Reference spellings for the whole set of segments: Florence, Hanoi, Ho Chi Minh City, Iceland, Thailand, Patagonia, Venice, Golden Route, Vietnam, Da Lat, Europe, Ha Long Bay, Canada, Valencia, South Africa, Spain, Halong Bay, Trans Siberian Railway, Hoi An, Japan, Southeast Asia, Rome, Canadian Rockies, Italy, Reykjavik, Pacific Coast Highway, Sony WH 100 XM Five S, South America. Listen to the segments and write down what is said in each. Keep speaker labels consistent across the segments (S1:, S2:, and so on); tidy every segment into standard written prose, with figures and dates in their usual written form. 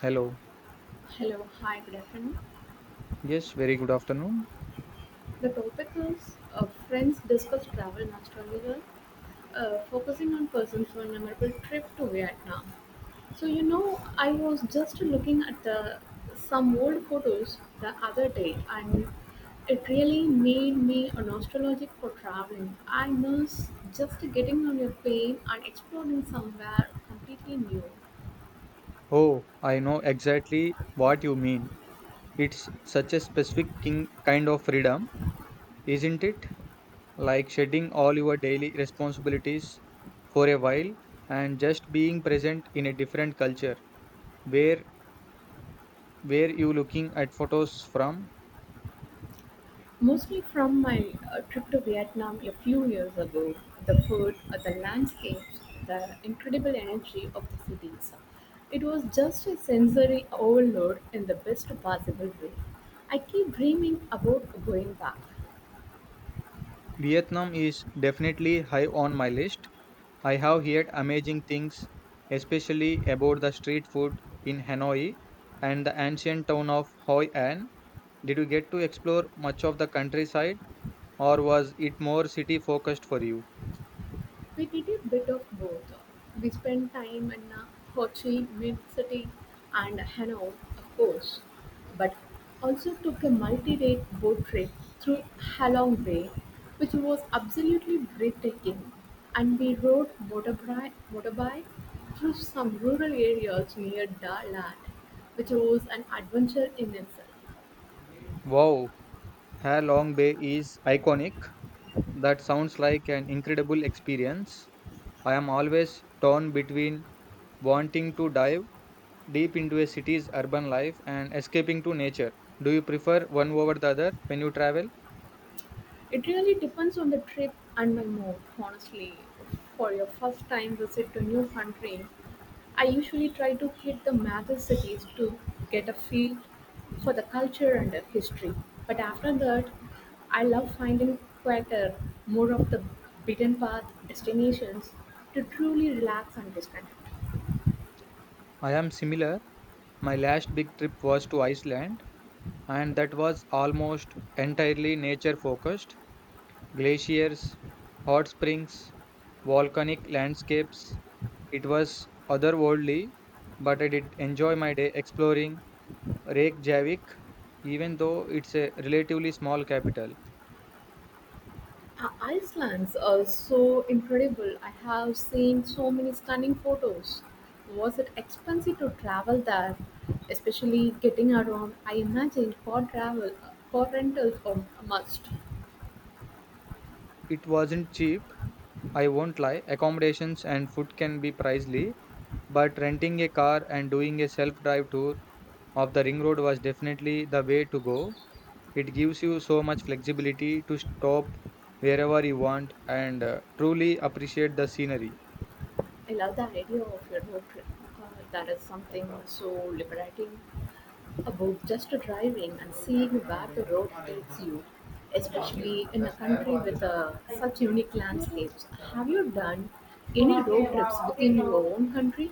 S1: Hello.
S2: Hello, hi, good afternoon.
S1: Yes, very good afternoon.
S2: The topic is friends discuss travel nostalgia, focusing on persons who memorable trip to Vietnam. I was just looking at the some old photos the other day, and it really made me a nostalgic for traveling. I miss just getting on a plane and exploring somewhere completely new.
S1: Oh, I know exactly what you mean. It's such a specific king kind of freedom, isn't it? Like shedding all your daily responsibilities for a while and just being present in a different culture. Where where you looking at photos from?
S2: Mostly from my trip to Vietnam a few years ago. The food, the landscapes, the incredible energy of the cities. It was just a sensory overload in the best possible way. I keep dreaming about going back.
S1: Vietnam is definitely high on my list. I have heard amazing things, especially about the street food in Hanoi and the ancient town of Hoi An. Did you get to explore much of the countryside or was it more city focused for you?
S2: We did a bit of both. We spent time in Ho Chi Minh City and Hanoi, of course, but also took a multi-day boat trip through Halong Bay, which was absolutely breathtaking. And we rode motorbike through some rural areas near Da Lat, which was an adventure in itself.
S1: Wow, Ha Long Bay is iconic. That sounds like an incredible experience. I am always torn between wanting to dive deep into a city's urban life and escaping to nature. Do you prefer one over the other when you travel?
S2: It really depends on the trip and my mood, honestly. For your first time visit to a new country, I usually try to hit the major cities to get a feel for the culture and the history. But after that, I love finding quieter, more of the beaten path destinations to truly relax and disconnect.
S1: I am similar. My last big trip was to Iceland, and that was almost entirely nature focused. Glaciers, hot springs, volcanic landscapes. It was otherworldly, but I did enjoy my day exploring Reykjavik, even though it's a relatively small capital.
S2: Iceland's are so incredible. I have seen so many stunning photos. Was it expensive to travel there, especially getting around? I imagine car travel, car rentals are a must.
S1: It wasn't cheap, I won't lie. Accommodations and food can be pricey, but renting a car and doing a self drive tour of the ring road was definitely the way to go. It gives you so much flexibility to stop wherever you want and truly appreciate the scenery.
S2: I love the idea of a road trip. There is something so liberating about just driving and seeing where the road takes you, especially in a country with such unique landscapes. Have you done any road trips within your own country?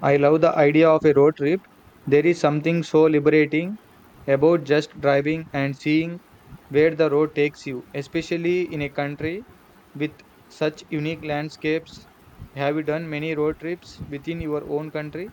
S1: I love the idea of a road trip. There is something so liberating about just driving and seeing where the road takes you, especially in a country with such unique landscapes. Have you done many road trips within your own country?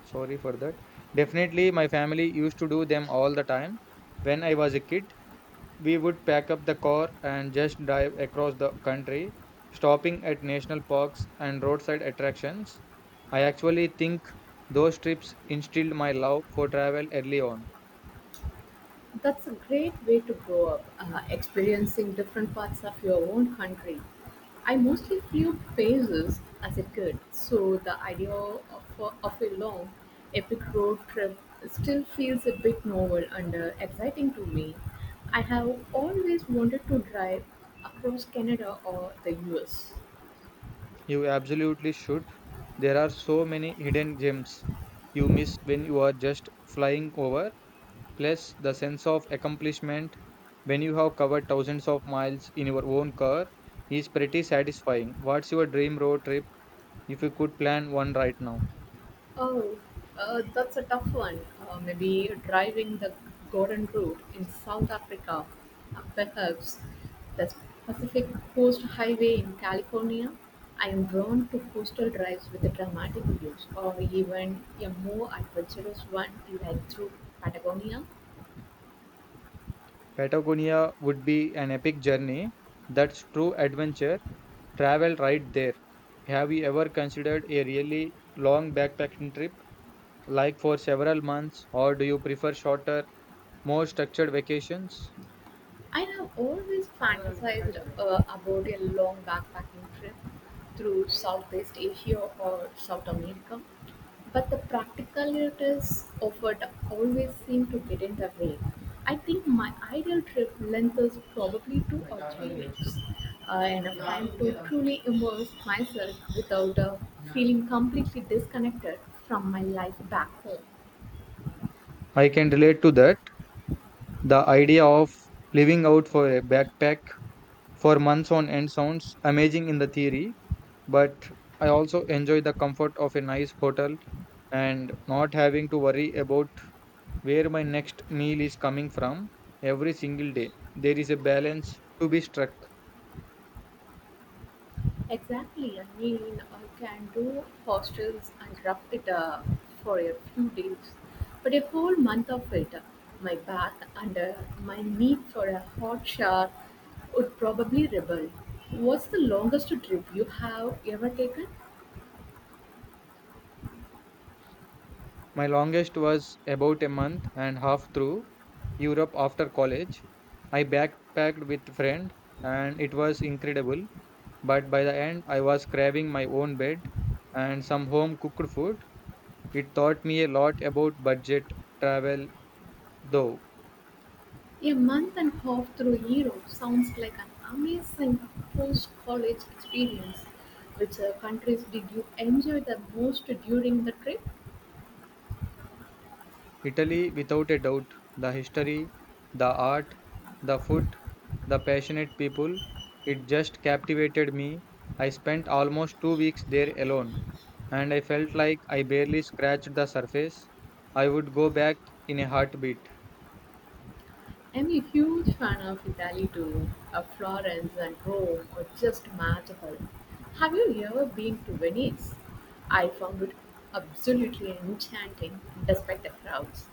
S1: Sorry for that. Definitely, my family used to do them all the time when I was a kid. We would pack up the car and just drive across the country, stopping at national parks and roadside attractions. I actually think those trips instilled my love for travel early on.
S2: That's a great way to grow up, experiencing different parts of your own country. I mostly flew places as a kid, so the idea of a long, epic road trip still feels a bit novel and exciting to me. I have always wanted to drive across Canada or the US.
S1: You absolutely should. There are so many hidden gems you miss when you are just flying over, plus the sense of accomplishment when you have covered thousands of miles in your own car is pretty satisfying. What's your dream road trip if you could plan one right now?
S2: Oh, that's a tough one. Maybe driving the Golden Route in South Africa, perhaps the Pacific Coast Highway in California. I am drawn to coastal drives with the dramatic views, or even a more adventurous one like through Patagonia.
S1: Patagonia would be an epic journey. That's true adventure travel right there. Have you ever considered a really long backpacking trip, like for several months, or do you prefer shorter, more structured vacations?
S2: I have always fantasized about a long backpacking trip through Southeast Asia or South America, but the practicalities of it always seem to get in the way. I think my ideal trip length is probably 2 or 3 weeks, enough time to truly immerse myself without feeling completely disconnected from my life back home.
S1: I can relate to that. The idea of living out for a backpack for months on end sounds amazing in the theory, but I also enjoy the comfort of a nice hotel and not having to worry about where my next meal is coming from every single day. There is a balance to be struck.
S2: Exactly, I mean, I can do hostels and rough it for a few days, but a whole month of it, my bath and my need for a hot shower would probably rebel. What's the longest trip you have ever taken?
S1: My longest was about a month and half through Europe after college. I backpacked with friend and it was incredible, but by the end I was craving my own bed and some home cooked food. It taught me a lot about budget travel though.
S2: A month and a half through Europe sounds like an amazing post-college experience. Which countries did you enjoy the most during the trip?
S1: Italy, without a doubt, the history, the art, the food, the passionate people, it just captivated me. I spent almost 2 weeks there alone, and I felt like I barely scratched the surface. I would go back in a heartbeat.
S2: I'm a huge fan of Italy too. Florence and Rome are just magical. Have you ever been to Venice? I found it absolutely enchanting despite the crowds.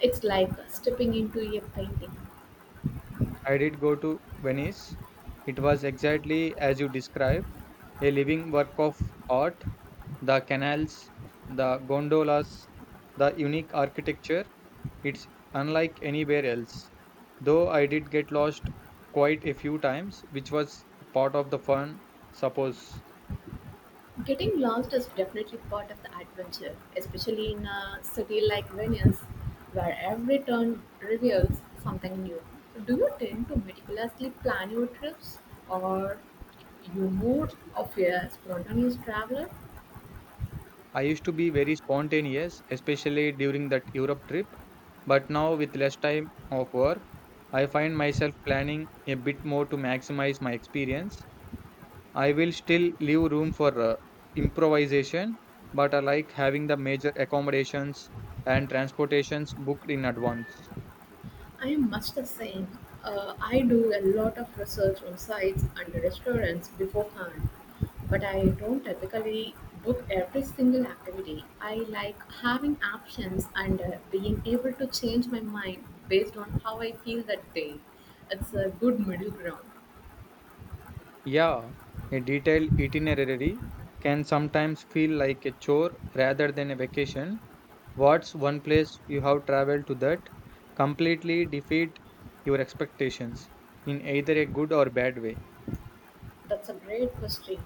S2: It's like stepping into a painting.
S1: I did go to Venice. It was exactly as you described, a living work of art, the canals, the gondolas, the unique architecture. It's unlike anywhere else. Though I did get lost quite a few times, which was part of the fun. Suppose
S2: Getting lost is definitely part of the adventure, especially in a city like Venice, where every turn reveals something new. Do you tend to meticulously plan your trips, or you more of a spontaneous traveler?
S1: I used to be very spontaneous, especially during that Europe trip, but now with less time of work, I find myself planning a bit more to maximize my experience. I will still leave room for improvisation, but I like having the major accommodations and transportations booked in advance.
S2: I'm much the same. I do a lot of research on sites and restaurants beforehand, but I don't typically book every single activity. I like having options and being able to change my mind based on how I feel that day. It's a good middle ground.
S1: Yeah, a detailed itinerary can sometimes feel like a chore rather than a vacation. What's one place you have traveled to that completely defeat your expectations in either a good or bad way?
S2: That's a great question.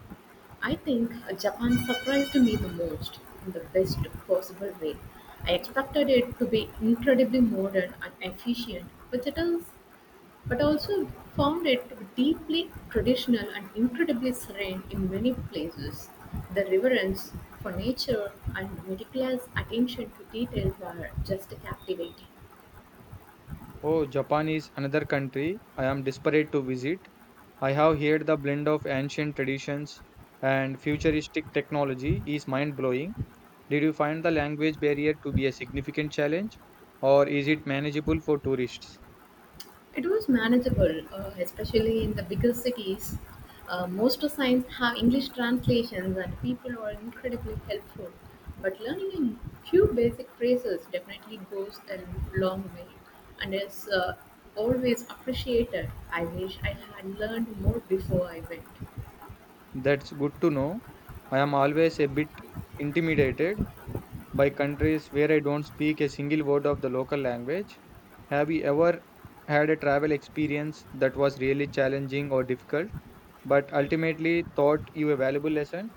S2: I think Japan surprised me the most in the best possible way. I expected it to be incredibly modern and efficient, which it is, but also found it deeply traditional and incredibly serene in many places. The reverence for nature and meticulous attention to detail were just captivating.
S1: Oh, Japan is another country I am desperate to visit. I have heard the blend of ancient traditions and futuristic technology is mind-blowing. Did you find the language barrier to be a significant challenge, or is it manageable for tourists?
S2: It was manageable, especially in the bigger cities. Most signs have English translations, and people are incredibly helpful. But learning a few basic phrases definitely goes a long way and is always appreciated. I wish I had learned more before I went.
S1: That's good to know. I am always a bit intimidated by countries where I don't speak a single word of the local language. Have you ever had a travel experience that was really challenging or difficult, but ultimately taught you a valuable lesson?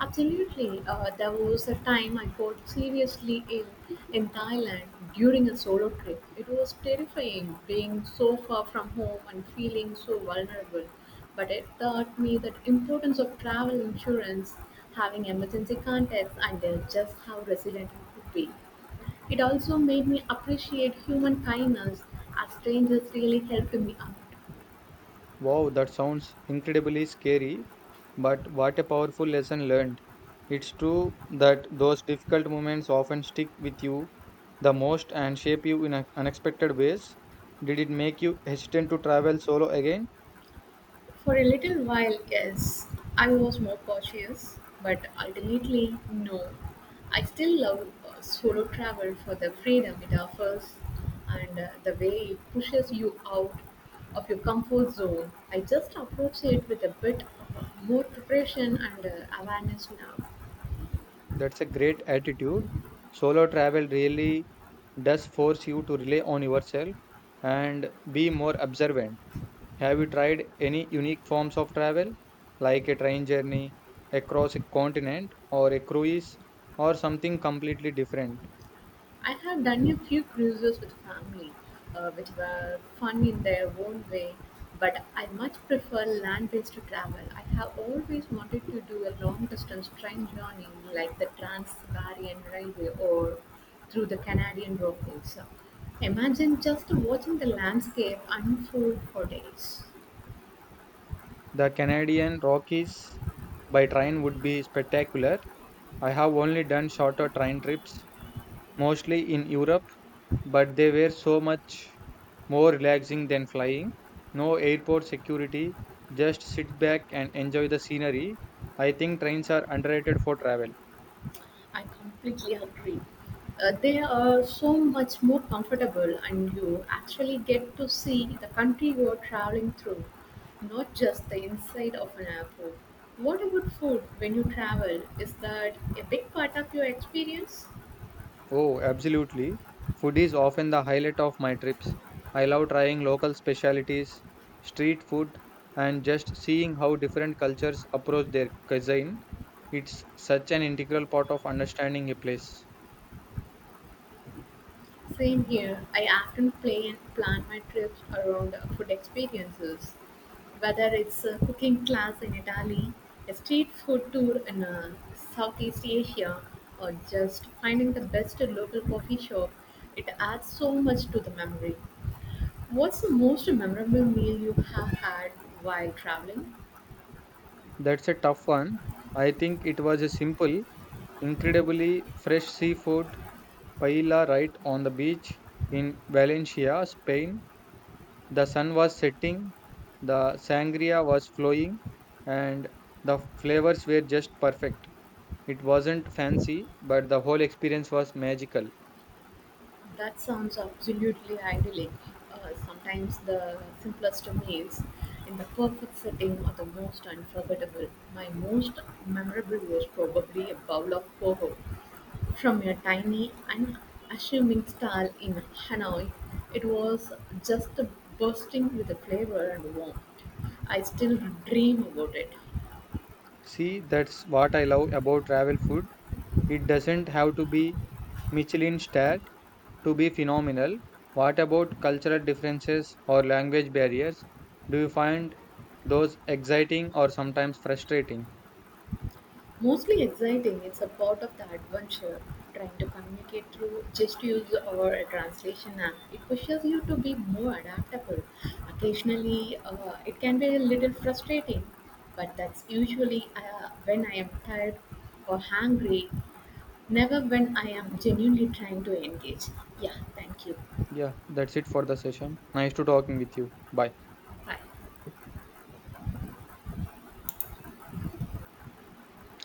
S2: Absolutely. There was a time I got seriously ill in Thailand during a solo trip. It was terrifying being so far from home and feeling so vulnerable. But it taught me the importance of travel insurance, having emergency contacts, and just how resilient I could be. It also made me appreciate human kindness as strangers really helped me out.
S1: Wow, that sounds incredibly scary, but what a powerful lesson learned. It's true that those difficult moments often stick with you the most and shape you in unexpected ways. Did it make you hesitant to travel solo again?
S2: For a little while, yes, I was more cautious, but ultimately, no. I still love solo travel for the freedom it offers and the way it pushes you out of your comfort zone. I just approach it with a bit of more preparation and awareness now.
S1: That's a great attitude. Solo travel really does force you to rely on yourself and be more observant. Have you tried any unique forms of travel, like a train journey across a continent or a cruise or something completely different?
S2: I have done a few cruises with family, which were fun in their own way, but I much prefer land based travel. I have always wanted to do a long distance train journey like the Trans Siberian Railway or through the Canadian Rockies. Imagine just watching the landscape unfold for days.
S1: The Canadian Rockies by train would be spectacular. I have only done shorter train trips, mostly in Europe, but they were so much more relaxing than flying. No airport security, just sit back and enjoy the scenery. I think trains are underrated for travel.
S2: I completely agree. They are so much more comfortable, and you actually get to see the country you are traveling through, not just the inside of an airport. What about food when you travel? Is that a big part of your experience?
S1: Oh, absolutely. Food is often the highlight of my trips. I love trying local specialties, street food, and just seeing how different cultures approach their cuisine. It's such an integral part of understanding a place.
S2: Same here. I often play and plan my trips around food experiences, whether it's a cooking class in Italy, a street food tour in Southeast Asia, or just finding the best local coffee shop. It adds so much to the memory. What's the most memorable meal you have had while traveling?
S1: That's a tough one. I think it was a simple, incredibly fresh seafood paella right on the beach in Valencia, Spain. The sun was setting, the sangria was flowing, and the flavors were just perfect. It wasn't fancy, but the whole experience was magical.
S2: That sounds absolutely idyllic. Sometimes the simplest meals in the perfect setting are the most unforgettable. My most memorable was probably a bowl of poho from a tiny unassuming stall in Hanoi. It was just bursting with the flavor and warmth. I still dream about it.
S1: See, that's what I love about travel food. It doesn't have to be Michelin starred to be phenomenal. What about cultural differences or language barriers? Do you find those exciting or sometimes frustrating?
S2: Mostly exciting, it's a part of the adventure. Trying to communicate through gestures or a translation app, it pushes you to be more adaptable. Occasionally, it can be a little frustrating, but that's usually when I am tired or hungry, never when I am genuinely trying to engage. Yeah, thank you.
S1: Yeah, that's it for the session. Nice to talking with you. Bye.
S2: Hi.